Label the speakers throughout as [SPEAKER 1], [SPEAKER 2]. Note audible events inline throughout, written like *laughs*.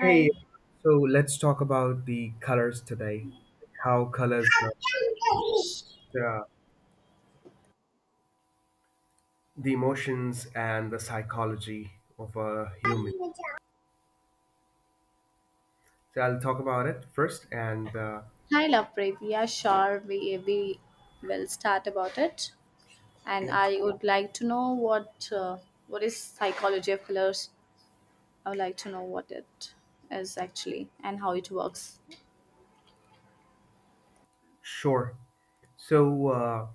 [SPEAKER 1] Hey, so let's talk about the colors today. How colors
[SPEAKER 2] Hi,
[SPEAKER 1] the the emotions and the psychology of a human. So I'll talk about it first, and
[SPEAKER 2] Lovepreet. Yeah, sure. We will start about it. And
[SPEAKER 1] yep,
[SPEAKER 2] I would like to know what is psychology of colors. I would like to know what it is actually and how it works.
[SPEAKER 1] sure. So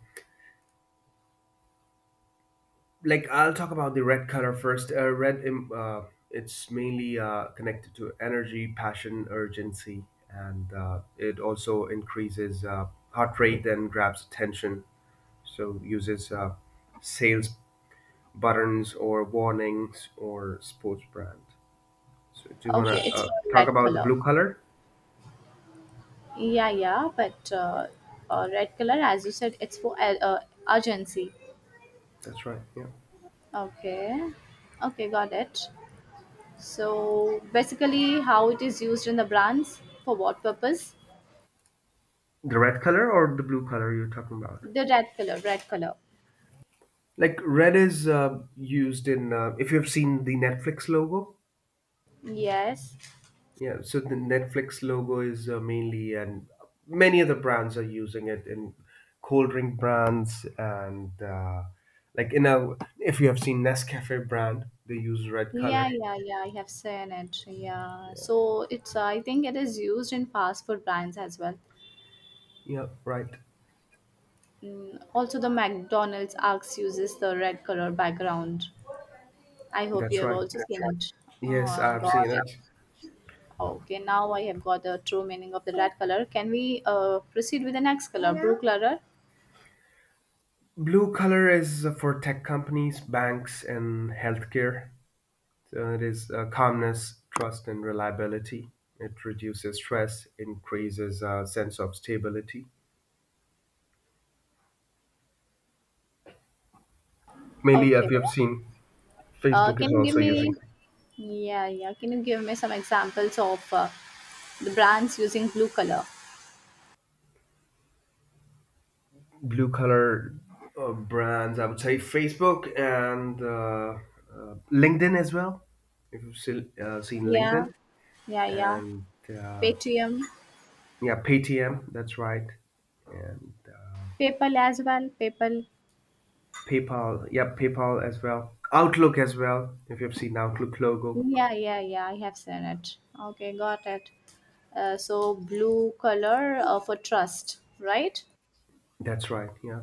[SPEAKER 1] like I'll talk about the red color first. Red, it's mainly connected to energy, passion, urgency, and it also increases heart rate and grabs attention. So uses sales buttons or warnings or sports brand. So do you want
[SPEAKER 2] Okay,
[SPEAKER 1] to
[SPEAKER 2] it's for
[SPEAKER 1] talk
[SPEAKER 2] red
[SPEAKER 1] about the
[SPEAKER 2] color.
[SPEAKER 1] blue color?
[SPEAKER 2] Yeah, yeah, but red color, as you said, it's for urgency.
[SPEAKER 1] That's right. Yeah.
[SPEAKER 2] Okay, okay, got it. So basically, how it is used in the brands for what purpose?
[SPEAKER 1] The red color or the blue color you're talking about?
[SPEAKER 2] The red color, red color.
[SPEAKER 1] Like red is used in if you've seen the Netflix logo.
[SPEAKER 2] Yes.
[SPEAKER 1] Yeah. So the Netflix logo is mainly and many other brands are using it in cold drink brands and like in a if you have seen Nescafe brand they use red
[SPEAKER 2] Yeah,
[SPEAKER 1] color.
[SPEAKER 2] yeah, yeah. I have seen it. Yeah. So I think it is used in fast food brands as well.
[SPEAKER 1] Yeah. Right.
[SPEAKER 2] Also, the McDonald's Arcs uses the red color background. I hope
[SPEAKER 1] That's
[SPEAKER 2] you have
[SPEAKER 1] right.
[SPEAKER 2] also seen it.
[SPEAKER 1] Yes,
[SPEAKER 2] Oh,
[SPEAKER 1] I've seen
[SPEAKER 2] got it.
[SPEAKER 1] it.
[SPEAKER 2] Okay, now I have got the true meaning of the red color. Can we proceed with the next color, blue color?
[SPEAKER 1] Blue color is for tech companies, banks, and healthcare. So it is calmness, trust, and reliability. It reduces stress, increases a sense of stability. Mainly, if
[SPEAKER 2] Okay.
[SPEAKER 1] you have seen, Facebook is
[SPEAKER 2] Can you give
[SPEAKER 1] also using
[SPEAKER 2] me? Yeah, yeah. Can you give me some examples of the brands using blue color?
[SPEAKER 1] blue color. Brands. I would say Facebook and LinkedIn as well. If you've seen
[SPEAKER 2] Yeah,
[SPEAKER 1] LinkedIn
[SPEAKER 2] yeah, yeah.
[SPEAKER 1] and
[SPEAKER 2] Paytm,
[SPEAKER 1] yeah, PTM, that's right and
[SPEAKER 2] PayPal as well. PayPal.
[SPEAKER 1] PayPal, yeah, PayPal as well. Outlook as well. If you've seen Outlook logo,
[SPEAKER 2] Yeah, yeah, yeah. I have seen it. Okay, got it. So blue color for trust, right?
[SPEAKER 1] that's right. Yeah.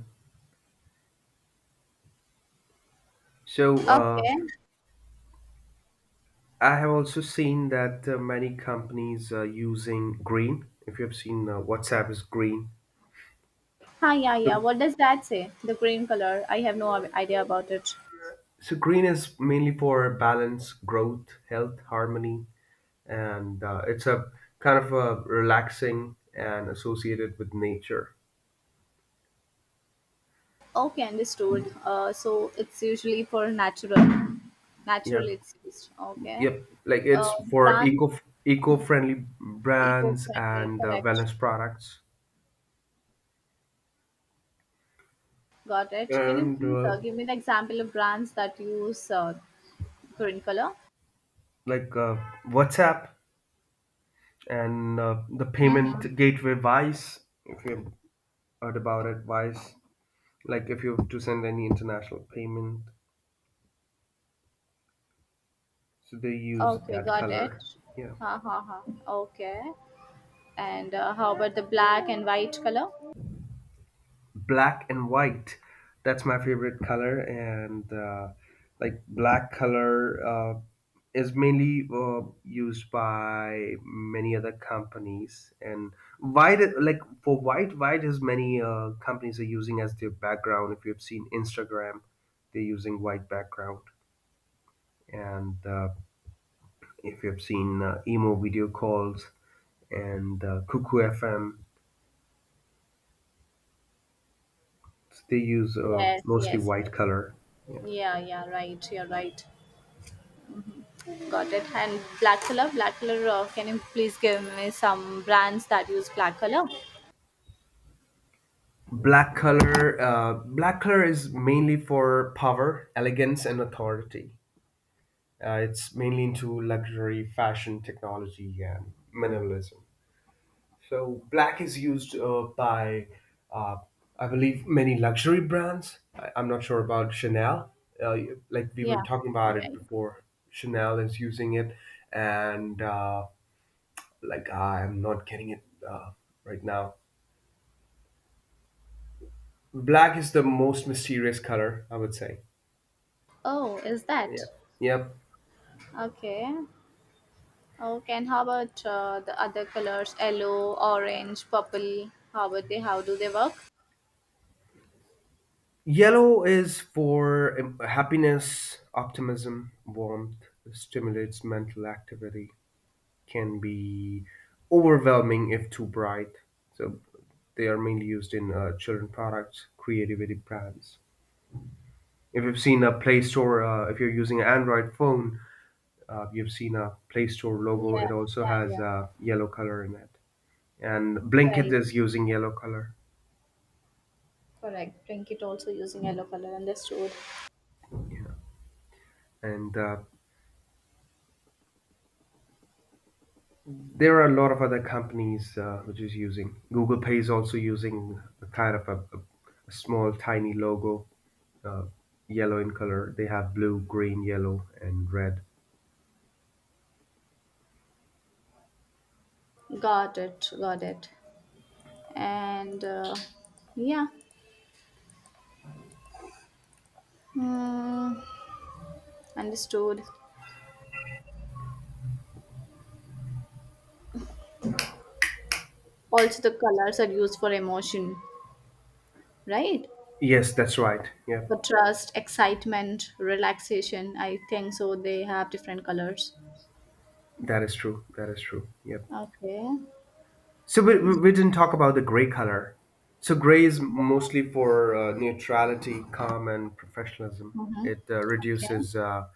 [SPEAKER 1] So
[SPEAKER 2] Okay.
[SPEAKER 1] I have also seen that many companies are using green. If you've seen WhatsApp is green.
[SPEAKER 2] Ah, yeah, yeah.
[SPEAKER 1] So
[SPEAKER 2] What does that say? The green color. I have no idea about it.
[SPEAKER 1] so green is mainly for balance, growth, health, harmony, and it's a kind of a relaxing and associated with nature.
[SPEAKER 2] Okay, understood. So it's usually for natural. Natural,
[SPEAKER 1] Yep,
[SPEAKER 2] it's used. Okay.
[SPEAKER 1] yep. Like
[SPEAKER 2] Uh,
[SPEAKER 1] it's for
[SPEAKER 2] Brand
[SPEAKER 1] eco-friendly brands
[SPEAKER 2] eco-friendly.
[SPEAKER 1] and
[SPEAKER 2] Correct.
[SPEAKER 1] wellness products.
[SPEAKER 2] Got it. Can you
[SPEAKER 1] And
[SPEAKER 2] please give me the example of brands that use green color.
[SPEAKER 1] like WhatsApp and the
[SPEAKER 2] Mm-hmm.
[SPEAKER 1] payment gateway Wise. If you heard about it, Wise, like if you have to send any international payment, so they use
[SPEAKER 2] Okay,
[SPEAKER 1] that
[SPEAKER 2] got it.
[SPEAKER 1] color. Yeah.
[SPEAKER 2] Ha ha ha. Okay. And how about the black and white color?
[SPEAKER 1] Black and white, that's my favorite color. And like black color is mainly used by many other companies. And white, like for white is many companies are using as their background. If you've seen Instagram, they're using white background. And if you've seen emo video calls and cuckoo fm, they use
[SPEAKER 2] Yes,
[SPEAKER 1] mostly
[SPEAKER 2] yes,
[SPEAKER 1] white
[SPEAKER 2] yes.
[SPEAKER 1] color.
[SPEAKER 2] Yeah, yeah, right. You're right. Got it. And black color, black color. Can you please give me some brands that use black color?
[SPEAKER 1] Black color is mainly for power, elegance, and authority. It's mainly into luxury, fashion, technology, and minimalism. So black is used by, uh, I believe, many luxury brands. I'm not sure about Chanel. Uh, like we were
[SPEAKER 2] Yeah,
[SPEAKER 1] talking about
[SPEAKER 2] yeah,
[SPEAKER 1] it
[SPEAKER 2] yeah.
[SPEAKER 1] before, Chanel is using it, and like I'm not getting it right now. Black is the most mysterious color, I would say.
[SPEAKER 2] Oh, is that?
[SPEAKER 1] Yep. Yep.
[SPEAKER 2] Okay. Okay. And how about the other colors? Yellow, orange, purple. How about they? How do they work?
[SPEAKER 1] Yellow is for happiness, optimism, warmth, stimulates mental activity, can be overwhelming if too bright. So they are mainly used in children products, creativity brands. If you've seen a Play Store, if you're using an Android phone, you've seen a Play Store
[SPEAKER 2] Yeah,
[SPEAKER 1] logo. It also
[SPEAKER 2] yeah,
[SPEAKER 1] has
[SPEAKER 2] yeah.
[SPEAKER 1] yellow color in it. And Blinkit
[SPEAKER 2] Right.
[SPEAKER 1] is using yellow color.
[SPEAKER 2] Correct. Drink it also using yellow color. Understood.
[SPEAKER 1] And there are a lot of other companies which is using. Google Pay is also using a kind of a small, tiny logo, uh, yellow in color. They have blue, green, yellow, and red.
[SPEAKER 2] Got it. Got it. And yeah, mm, understood. Also, the colors are used for emotion, right?
[SPEAKER 1] Yes, that's right. Yep,
[SPEAKER 2] For trust, excitement, relaxation. I think so. They have different colors.
[SPEAKER 1] that is true. That is true. Yep.
[SPEAKER 2] Okay.
[SPEAKER 1] So we didn't talk about the gray color. So gray is mostly for neutrality, calm, and professionalism.
[SPEAKER 2] Mm-hmm.
[SPEAKER 1] It
[SPEAKER 2] Okay.
[SPEAKER 1] reduces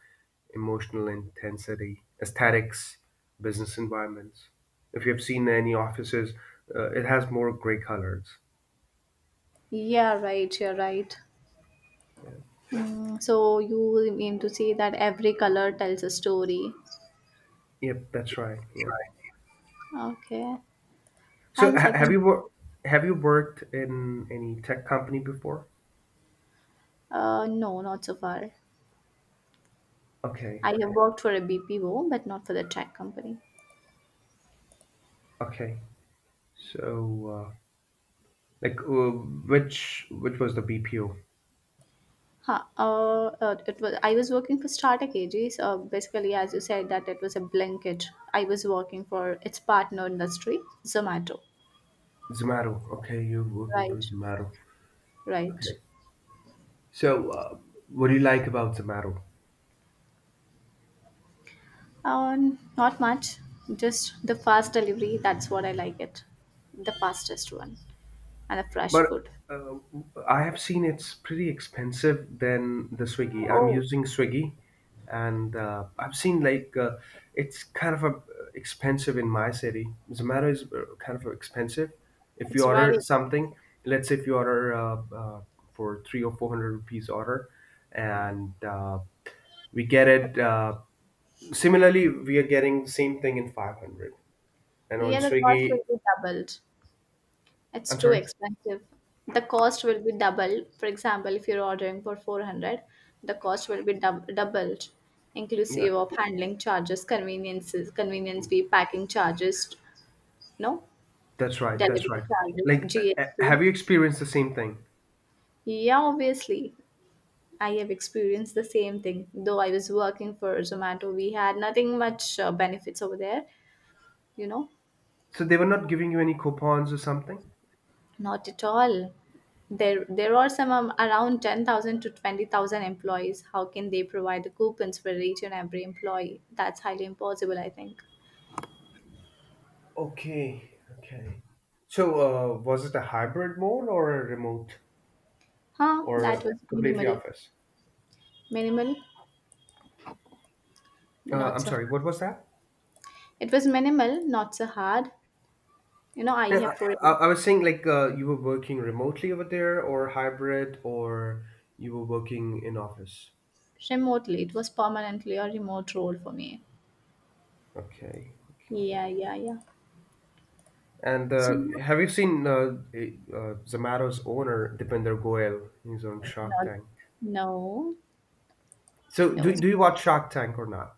[SPEAKER 1] emotional intensity, aesthetics, business environments. If you have seen any offices, it has more gray colors.
[SPEAKER 2] Yeah, right. You're right.
[SPEAKER 1] Yeah.
[SPEAKER 2] So you mean to say that every color tells a story?
[SPEAKER 1] Yep, that's right. Yeah.
[SPEAKER 2] Okay.
[SPEAKER 1] So
[SPEAKER 2] Thanks. I can.
[SPEAKER 1] have you worked in any tech company before?
[SPEAKER 2] No, not so far.
[SPEAKER 1] Okay.
[SPEAKER 2] I have worked for a BPO, but not for the tech company.
[SPEAKER 1] Okay. So uh, like which was the BPO?
[SPEAKER 2] Huh. It was. I was working for Startup AG. Basically, as you said, that it was a blanket. I was working for its partner industry, Zomato.
[SPEAKER 1] Zomato. Okay, you're working for
[SPEAKER 2] Right.
[SPEAKER 1] Zomato.
[SPEAKER 2] Right.
[SPEAKER 1] Okay. So, what do you like about Zomato?
[SPEAKER 2] Not much. Just the fast delivery. That's what I like it. The fastest one, and the fresh
[SPEAKER 1] But
[SPEAKER 2] food.
[SPEAKER 1] uh, I have seen it's pretty expensive than the Swiggy. I'm
[SPEAKER 2] Oh,
[SPEAKER 1] using Swiggy, and I've seen like it's kind of a, expensive in my city. Zomato is kind of expensive. If you
[SPEAKER 2] it's
[SPEAKER 1] order
[SPEAKER 2] very.
[SPEAKER 1] something, let's say if you order for three or four hundred rupees order, and we get it. Similarly, we are getting the same thing in 500. And on
[SPEAKER 2] Yeah, the cost
[SPEAKER 1] Swiggy,
[SPEAKER 2] will be doubled. It's
[SPEAKER 1] I'm
[SPEAKER 2] too
[SPEAKER 1] sorry.
[SPEAKER 2] expensive. The cost will be double. For example, if you're ordering for 400, the cost will be doubled,
[SPEAKER 1] Yeah,
[SPEAKER 2] inclusive of handling charges, convenience fee, packing charges, no,
[SPEAKER 1] that's right, that's
[SPEAKER 2] delivery
[SPEAKER 1] right.
[SPEAKER 2] charges,
[SPEAKER 1] Like,
[SPEAKER 2] GST.
[SPEAKER 1] have you experienced the same thing?
[SPEAKER 2] Yeah, obviously, I have experienced the same thing. Though I was working for Zomato, we had nothing much benefits over there, you know.
[SPEAKER 1] So they were not giving you any coupons or something?
[SPEAKER 2] Not at all. There are some around 10,000 to 20,000 employees. How can they provide the coupons for each and every employee? That's highly impossible, I think.
[SPEAKER 1] Okay, okay. So was it a hybrid mode or a remote
[SPEAKER 2] Huh,
[SPEAKER 1] or
[SPEAKER 2] that
[SPEAKER 1] a
[SPEAKER 2] was
[SPEAKER 1] completely
[SPEAKER 2] minimal.
[SPEAKER 1] office?
[SPEAKER 2] Minimal, not
[SPEAKER 1] I'm
[SPEAKER 2] so hard.
[SPEAKER 1] sorry, what was that?
[SPEAKER 2] It was minimal, not so hard. You know, I
[SPEAKER 1] Yeah,
[SPEAKER 2] have for
[SPEAKER 1] I was saying like you were working remotely over there or hybrid or you were working in office.
[SPEAKER 2] remotely. It was permanently a remote role for me.
[SPEAKER 1] Okay, okay.
[SPEAKER 2] Yeah, yeah, yeah.
[SPEAKER 1] And
[SPEAKER 2] So, no,
[SPEAKER 1] have you seen Zamaro's owner, Dipinder Goyal? He's on Shark Tank.
[SPEAKER 2] no,
[SPEAKER 1] So,
[SPEAKER 2] no.
[SPEAKER 1] do you watch Shark Tank or not?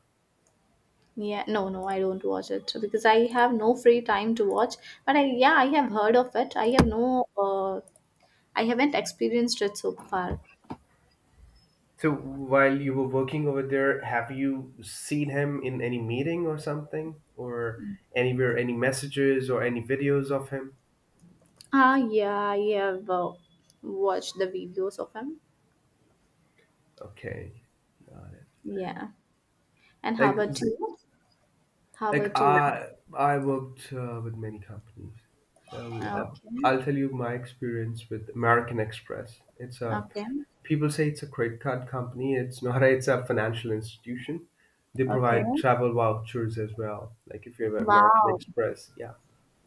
[SPEAKER 2] Yeah, no, no, I don't watch it so because I have no free time to watch. But yeah, I have heard of it. I haven't experienced it so far.
[SPEAKER 1] So, while you were working over there, have you seen him in any meeting or something? Or anywhere, any messages or any videos of him?
[SPEAKER 2] Ah, yeah, I have watched the videos of him.
[SPEAKER 1] Okay, got it.
[SPEAKER 2] Yeah. And how
[SPEAKER 1] Like,
[SPEAKER 2] about you? How
[SPEAKER 1] like,
[SPEAKER 2] about you?
[SPEAKER 1] I worked with many companies. So,
[SPEAKER 2] Okay,
[SPEAKER 1] I'll tell you my experience with American Express. It's a
[SPEAKER 2] okay,
[SPEAKER 1] people say it's a credit card company. It's not. *laughs* It's a financial institution. They provide
[SPEAKER 2] okay.
[SPEAKER 1] travel vouchers as well. Like if you have American
[SPEAKER 2] Wow,
[SPEAKER 1] Express, yeah,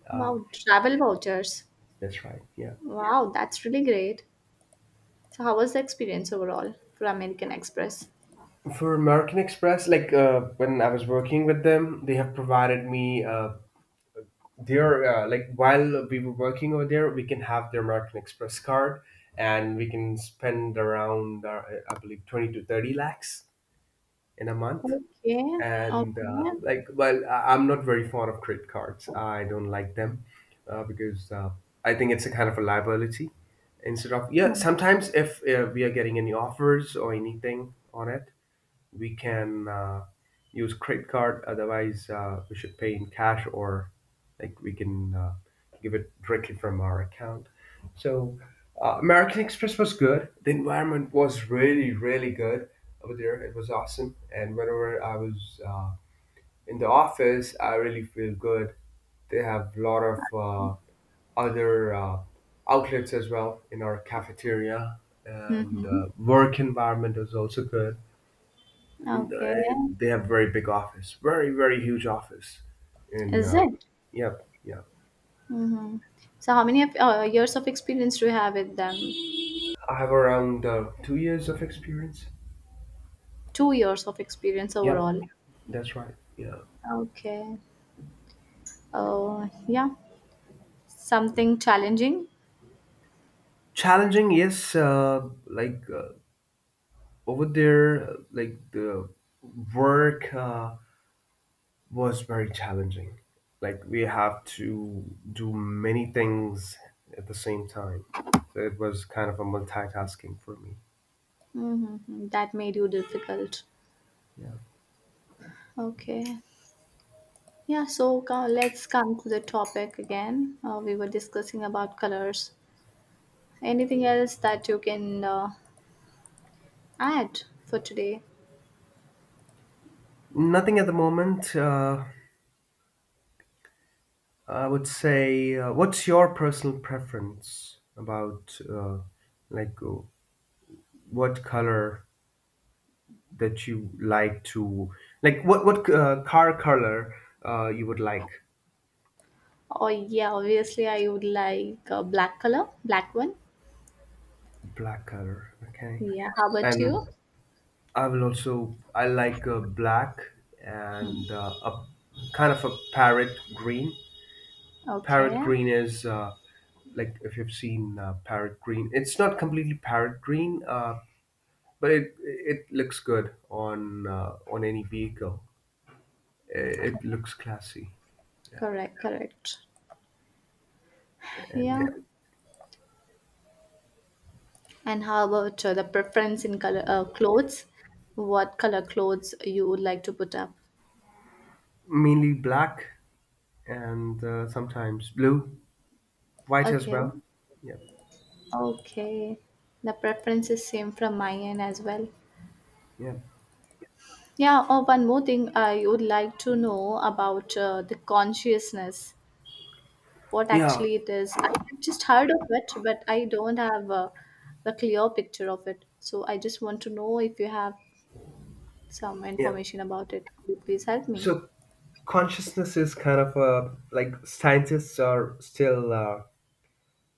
[SPEAKER 1] uh,
[SPEAKER 2] wow, travel vouchers.
[SPEAKER 1] that's right. Yeah,
[SPEAKER 2] Wow, that's really great. So, how was the experience overall for American Express?
[SPEAKER 1] for American Express, like when I was working with them, they have provided me. Their like while we were working over there, we can have their American Express card, and we can spend around I believe 20 to 30 lakhs in a month.
[SPEAKER 2] Okay,
[SPEAKER 1] And
[SPEAKER 2] okay.
[SPEAKER 1] like well, I'm not very fond of credit cards. I don't like them because I think it's a kind of a liability instead of, yeah, sometimes if we are getting any offers or anything on it, we can use credit card. Otherwise, we should pay in cash, or like we can give it directly from our account. So, American Express was good. The environment was really, really good over there. It was awesome. And whenever I was in the office, I really feel good. They have a lot of other outlets as well in our cafeteria, and
[SPEAKER 2] Mm-hmm.
[SPEAKER 1] work environment is also good.
[SPEAKER 2] Okay.
[SPEAKER 1] And they have very big office, very very huge office. And
[SPEAKER 2] Is it?
[SPEAKER 1] yep, yep.
[SPEAKER 2] Hmm. So, how many of, years of experience do you have with them?
[SPEAKER 1] I have around 2 years of experience.
[SPEAKER 2] 2 years of experience
[SPEAKER 1] Yep,
[SPEAKER 2] overall.
[SPEAKER 1] that's right. Yeah,
[SPEAKER 2] Okay. Oh, yeah. Something challenging
[SPEAKER 1] challenging. Yes, like over there, like the work was very challenging. Like we have to do many things at the same time. So it was kind of a multitasking for me.
[SPEAKER 2] that made you difficult.
[SPEAKER 1] Yeah.
[SPEAKER 2] Okay. Yeah. So, let's come to the topic again. We were discussing about colors. Anything else that you can add for today?
[SPEAKER 1] Nothing at the moment. I would say, what's your personal preference about like what color that you like to like what car color you would like?
[SPEAKER 2] Oh, yeah. Obviously, I would like a black color, black one.
[SPEAKER 1] Black color, okay.
[SPEAKER 2] Yeah. How about
[SPEAKER 1] And
[SPEAKER 2] you?
[SPEAKER 1] I will also I like black and a kind of a parrot green. Parrot
[SPEAKER 2] Okay.
[SPEAKER 1] green is like if you've seen parrot green, it's not completely parrot green. But it looks good on any vehicle. It looks classy. Yeah.
[SPEAKER 2] Correct, correct. Yeah.
[SPEAKER 1] And
[SPEAKER 2] And how about the preference in color clothes? What color clothes you would like to put up?
[SPEAKER 1] mainly black, and sometimes blue, white as
[SPEAKER 2] Okay.
[SPEAKER 1] well. Yeah,
[SPEAKER 2] Okay. The preference is same from my end as well.
[SPEAKER 1] yeah,
[SPEAKER 2] Yeah. Oh, one more thing I would like to know about the consciousness. What
[SPEAKER 1] yeah,
[SPEAKER 2] actually it is. I have just heard of it, but I don't have a clear picture of it. So I just want to know if you have some
[SPEAKER 1] yeah.
[SPEAKER 2] information about it. Could you please help me?
[SPEAKER 1] So consciousness is kind of a like scientists are still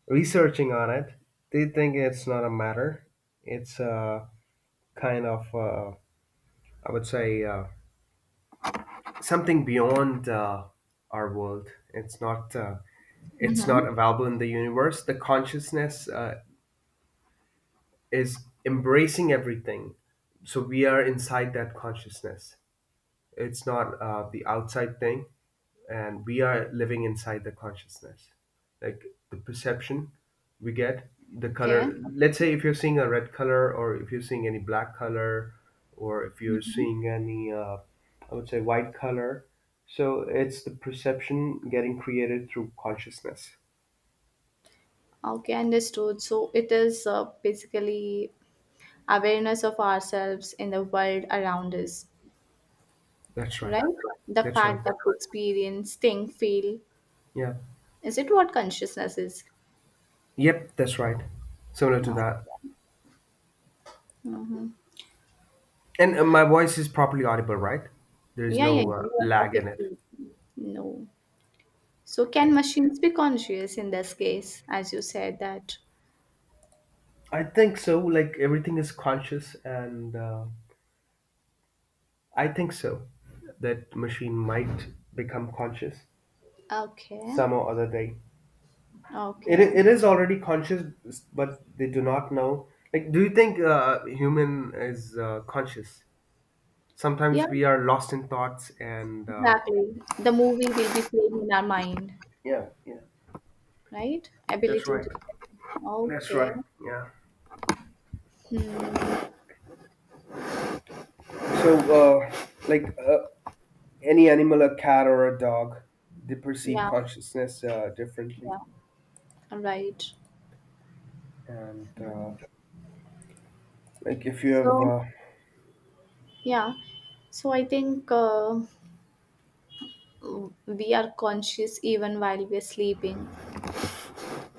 [SPEAKER 1] researching on it. They think it's not a matter. It's kind of I would say something beyond our world. It's not. It's
[SPEAKER 2] Mm-hmm.
[SPEAKER 1] not available in the universe. The consciousness is embracing everything. So we are inside that consciousness. It's not the outside thing, and we are living inside the consciousness. Like the perception we get, the
[SPEAKER 2] Okay.
[SPEAKER 1] color. Let's say if you're seeing a red color, or if you're seeing any black color, or if you're seeing any, I would say, white color. So it's the perception getting created through consciousness.
[SPEAKER 2] Okay, understood. So it is basically awareness of ourselves in the world around us,
[SPEAKER 1] That's right.
[SPEAKER 2] right? The
[SPEAKER 1] That's right.
[SPEAKER 2] fact that we experience, think, feel.
[SPEAKER 1] Yeah.
[SPEAKER 2] Is it what consciousness is?
[SPEAKER 1] Yep, that's right. Similar to
[SPEAKER 2] No.
[SPEAKER 1] that. And my voice is properly audible, right? There is
[SPEAKER 2] Yeah, yeah,
[SPEAKER 1] no
[SPEAKER 2] you are
[SPEAKER 1] lag in it.
[SPEAKER 2] perfectly. No. So can
[SPEAKER 1] Okay.
[SPEAKER 2] machines be conscious in this case, as you said that?
[SPEAKER 1] I think so. Like everything is conscious, and I think so. That machine might become conscious
[SPEAKER 2] Okay,
[SPEAKER 1] some or other day. It,
[SPEAKER 2] okay.
[SPEAKER 1] i- it is already conscious, but they do not know. Like, do you think human is conscious? Sometimes
[SPEAKER 2] Yeah,
[SPEAKER 1] we are lost in thoughts, and
[SPEAKER 2] exactly. The movie will be playing in our mind,
[SPEAKER 1] yeah, yeah,
[SPEAKER 2] right?
[SPEAKER 1] that's
[SPEAKER 2] Ability
[SPEAKER 1] right.
[SPEAKER 2] to.
[SPEAKER 1] That's
[SPEAKER 2] Okay.
[SPEAKER 1] right. Yeah.
[SPEAKER 2] Hmm.
[SPEAKER 1] So, uh, like any animal, a cat or a dog, they perceive
[SPEAKER 2] Yeah.
[SPEAKER 1] consciousness differently.
[SPEAKER 2] Yeah, right.
[SPEAKER 1] And like if you have,
[SPEAKER 2] So, yeah, so I think we are conscious even while we're sleeping.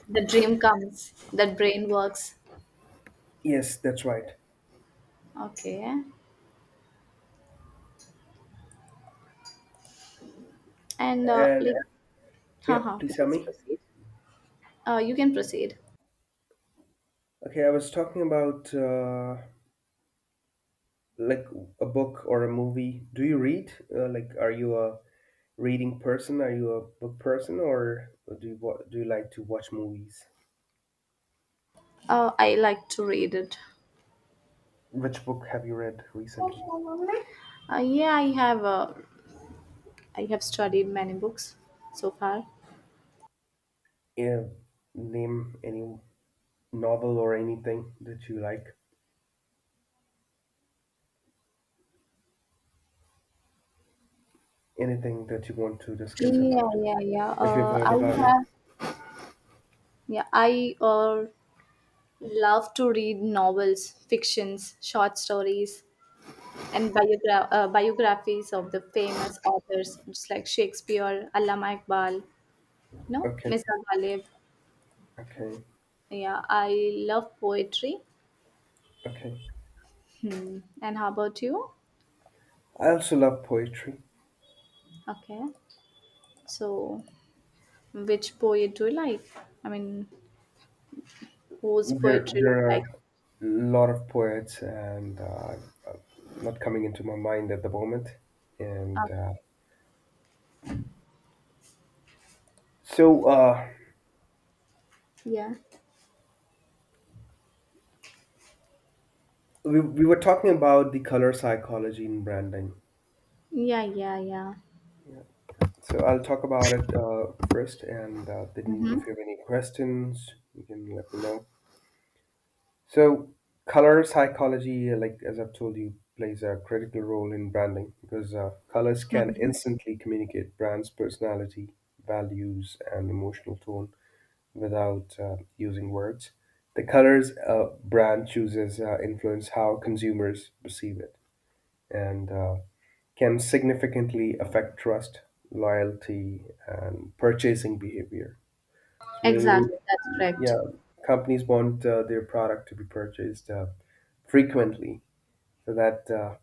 [SPEAKER 2] The dream comes, the brain works.
[SPEAKER 1] yes, that's right.
[SPEAKER 2] Okay, and like,
[SPEAKER 1] And yeah,
[SPEAKER 2] haha,
[SPEAKER 1] please tell
[SPEAKER 2] please
[SPEAKER 1] me.
[SPEAKER 2] proceed. You can proceed.
[SPEAKER 1] Okay, I was talking about like a book or a movie. Do you read? Like, are you a reading person? Are you a book person, or do you like to watch movies?
[SPEAKER 2] I like to read it.
[SPEAKER 1] Which book have you read recently?
[SPEAKER 2] Yeah, I have. I have studied many books so far.
[SPEAKER 1] Yeah, name any novel or anything that you like? Anything that you want to discuss about?
[SPEAKER 2] Yeah, yeah, yeah.
[SPEAKER 1] If you've heard
[SPEAKER 2] I
[SPEAKER 1] about it.
[SPEAKER 2] have. Yeah, I love to read novels, fictions, short stories, and biographies of the famous authors, just like Shakespeare, Allama Iqbal, no,
[SPEAKER 1] Okay,
[SPEAKER 2] Mr. Ghalib.
[SPEAKER 1] okay,
[SPEAKER 2] Yeah, I love poetry.
[SPEAKER 1] okay.
[SPEAKER 2] Hmm. And how about you?
[SPEAKER 1] I also love poetry.
[SPEAKER 2] Okay. So, which poet do you like? I mean, whose
[SPEAKER 1] There,
[SPEAKER 2] poetry do you
[SPEAKER 1] there are a
[SPEAKER 2] like?
[SPEAKER 1] lot of poets, and uh, not coming into my mind at the moment. And
[SPEAKER 2] Uh,
[SPEAKER 1] so uh,
[SPEAKER 2] yeah.
[SPEAKER 1] we were talking about the color psychology in branding.
[SPEAKER 2] Yeah, yeah, yeah.
[SPEAKER 1] Yeah. So I'll talk about it first, and then if
[SPEAKER 2] Mm-hmm.
[SPEAKER 1] you have any questions, you can let me know. So, color psychology, like as I've told you, plays a critical role in branding because colors can
[SPEAKER 2] Mm-hmm.
[SPEAKER 1] instantly communicate brands' personality, values, and emotional tone without using words. The colors a brand chooses influence how consumers perceive it and can significantly affect trust, loyalty, and purchasing behavior. So,
[SPEAKER 2] Exactly.
[SPEAKER 1] mainly,
[SPEAKER 2] That's correct.
[SPEAKER 1] yeah, companies want their product to be purchased. Frequently, so that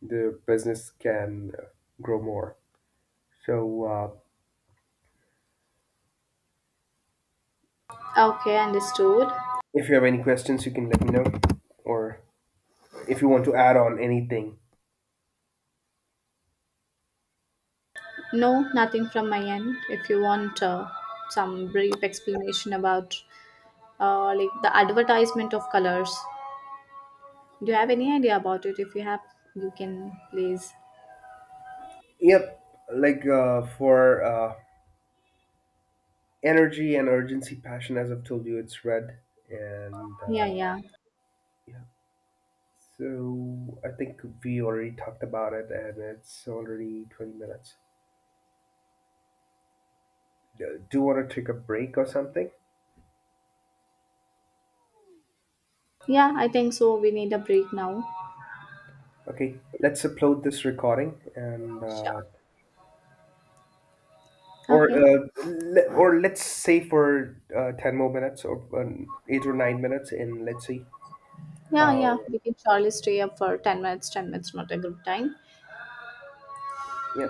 [SPEAKER 1] the business can grow more. So,
[SPEAKER 2] Okay, understood.
[SPEAKER 1] if you have any questions, you can let me know, or if you want to add on anything.
[SPEAKER 2] No, nothing from my end. If you want some brief explanation about like the advertisement of colors, do you have any idea about it? If you have, you can please.
[SPEAKER 1] Yep, like for energy and urgency, passion, as I've told you, it's red. And
[SPEAKER 2] Yeah, yeah,
[SPEAKER 1] yeah, so I think we already talked about it, and it's already 20 minutes. Do you want to take a break or something?
[SPEAKER 2] yeah. I think so. We need a break now.
[SPEAKER 1] Okay, let's upload this recording and uh,
[SPEAKER 2] Sure.
[SPEAKER 1] or
[SPEAKER 2] Okay.
[SPEAKER 1] uh, le- or let's say for 10 more minutes or 8 or 9 minutes and let's see
[SPEAKER 2] Yeah,
[SPEAKER 1] how.
[SPEAKER 2] yeah. We can surely stay up for 10 minutes. 10 minutes not a good time.
[SPEAKER 1] Yeah,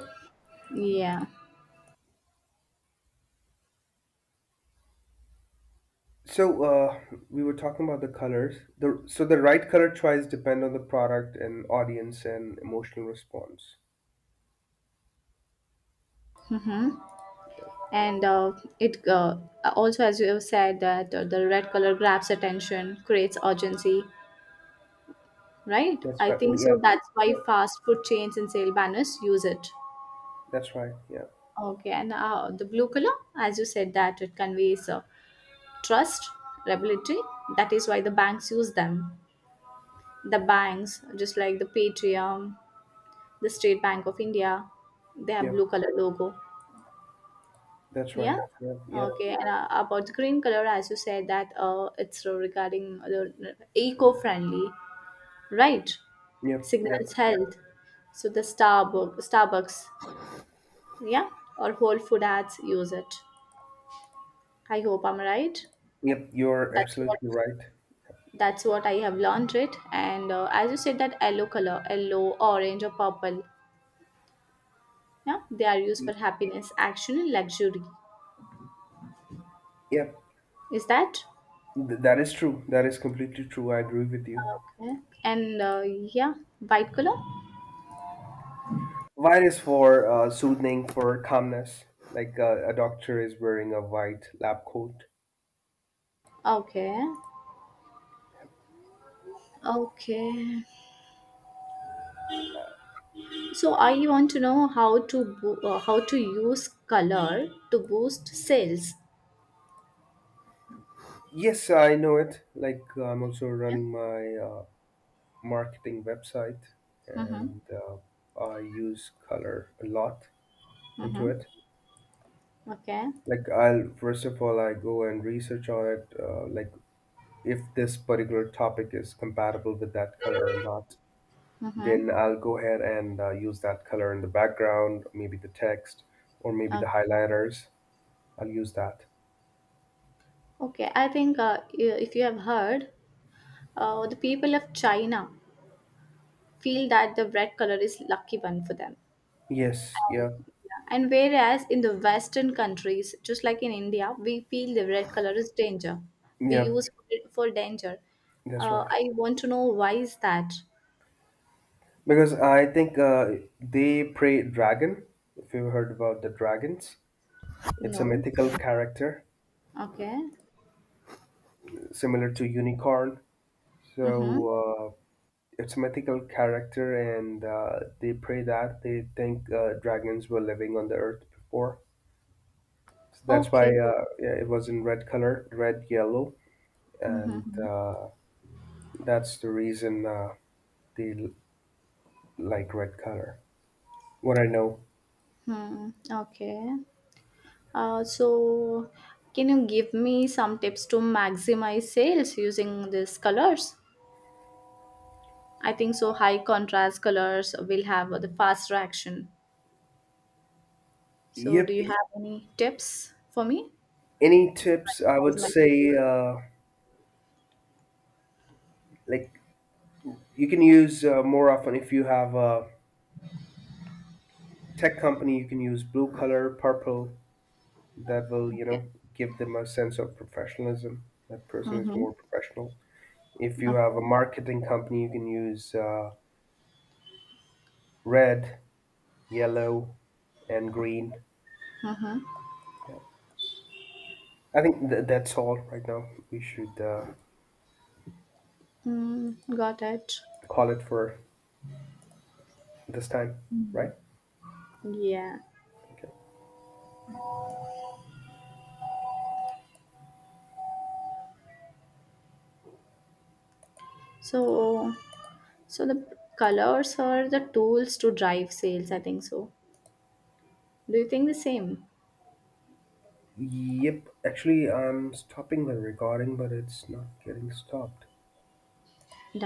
[SPEAKER 2] Yeah.
[SPEAKER 1] so we were talking about the colors, the, so the right color choice depend on the product and audience and emotional response.
[SPEAKER 2] Mm-hmm. And it also, as you have said, that the red color grabs attention, creates urgency, right?
[SPEAKER 1] That's
[SPEAKER 2] I
[SPEAKER 1] right.
[SPEAKER 2] think
[SPEAKER 1] Yep,
[SPEAKER 2] so. That's why
[SPEAKER 1] yep,
[SPEAKER 2] fast food chains and sale banners use it.
[SPEAKER 1] that's right. Yeah,
[SPEAKER 2] Okay, and the blue color, as you said, that it conveys trust, reliability. That is why the banks use them. The banks, just like the Patrium, the State Bank of India, they have
[SPEAKER 1] yep,
[SPEAKER 2] blue color logo.
[SPEAKER 1] that's right.
[SPEAKER 2] Yeah.
[SPEAKER 1] Yep, yep.
[SPEAKER 2] Okay, and about the green color, as you said, that it's regarding the eco-friendly, right?
[SPEAKER 1] Yep,
[SPEAKER 2] Signals
[SPEAKER 1] yep,
[SPEAKER 2] health. So the Starbucks, yeah, or whole food ads use it. I hope I'm right.
[SPEAKER 1] yep you're
[SPEAKER 2] that's what
[SPEAKER 1] absolutely right.
[SPEAKER 2] that's what I have learned it. And as you said that yellow color, yellow, orange or purple, yeah, they are used
[SPEAKER 1] Y-
[SPEAKER 2] for happiness, action and luxury.
[SPEAKER 1] yep.
[SPEAKER 2] Is that?
[SPEAKER 1] That is true, that is completely true, I agree with you.
[SPEAKER 2] Okay. And yeah, white color.
[SPEAKER 1] White is for soothing, for calmness. Like a doctor is wearing a white lab coat.
[SPEAKER 2] Okay. Okay. So I want to know how to use color to boost sales.
[SPEAKER 1] Yes, I know it. Like I'm also
[SPEAKER 2] Yeah.
[SPEAKER 1] running my marketing website,
[SPEAKER 2] Mm-hmm.
[SPEAKER 1] and I use color a lot into
[SPEAKER 2] Mm-hmm.
[SPEAKER 1] it.
[SPEAKER 2] Okay.
[SPEAKER 1] Like I'll, first of all, I go and research on it. Like if this particular topic is compatible with that color or not,
[SPEAKER 2] Mm-hmm.
[SPEAKER 1] then I'll go ahead and use that color in the background, maybe the text, or maybe the
[SPEAKER 2] Okay.
[SPEAKER 1] highlighters I'll use that.
[SPEAKER 2] Okay, I think if you have heard, the people of China feel that the red color is lucky one for them.
[SPEAKER 1] Yes,
[SPEAKER 2] Um,
[SPEAKER 1] yeah,
[SPEAKER 2] yeah. And whereas in the Western countries, just like in India, we feel the red color is danger. We
[SPEAKER 1] yeah,
[SPEAKER 2] use it for danger.
[SPEAKER 1] that's right.
[SPEAKER 2] I want to know why is that?
[SPEAKER 1] Because I think they pray dragon. If you've heard about the dragons, it's a
[SPEAKER 2] No.
[SPEAKER 1] mythical character
[SPEAKER 2] Okay.
[SPEAKER 1] similar to unicorn. So
[SPEAKER 2] Mm-hmm.
[SPEAKER 1] uh, it's a mythical character, and they pray that they think dragons were living on the earth before. So that's why
[SPEAKER 2] Okay.
[SPEAKER 1] yeah, it was in red color, red, yellow, and
[SPEAKER 2] Mm-hmm.
[SPEAKER 1] that's the reason they l- like red color. What I know.
[SPEAKER 2] Hmm. Okay. So, can you give me some tips to maximize sales using these colors? I think so. High contrast colors will have the faster action. So, do
[SPEAKER 1] Yep,
[SPEAKER 2] you have any tips for me
[SPEAKER 1] any
[SPEAKER 2] to
[SPEAKER 1] tips, I would
[SPEAKER 2] maximize my
[SPEAKER 1] say
[SPEAKER 2] sales?
[SPEAKER 1] like you can use more often, if you have a tech company you can use blue color, purple. That will, you
[SPEAKER 2] Okay.
[SPEAKER 1] know, give them a sense of professionalism, that person is
[SPEAKER 2] Mm-hmm.
[SPEAKER 1] more professional. If you have a
[SPEAKER 2] Okay.
[SPEAKER 1] marketing company you can use red, yellow, and green.
[SPEAKER 2] Mm-hmm.
[SPEAKER 1] Yeah, I think that's all right now, we should
[SPEAKER 2] Got it.
[SPEAKER 1] call it for this time, right?
[SPEAKER 2] Yeah.
[SPEAKER 1] Okay.
[SPEAKER 2] So, so the colors are the tools to drive sales. I think so. Do you think the same?
[SPEAKER 1] Yep, actually, I'm stopping the recording, but it's not getting stopped.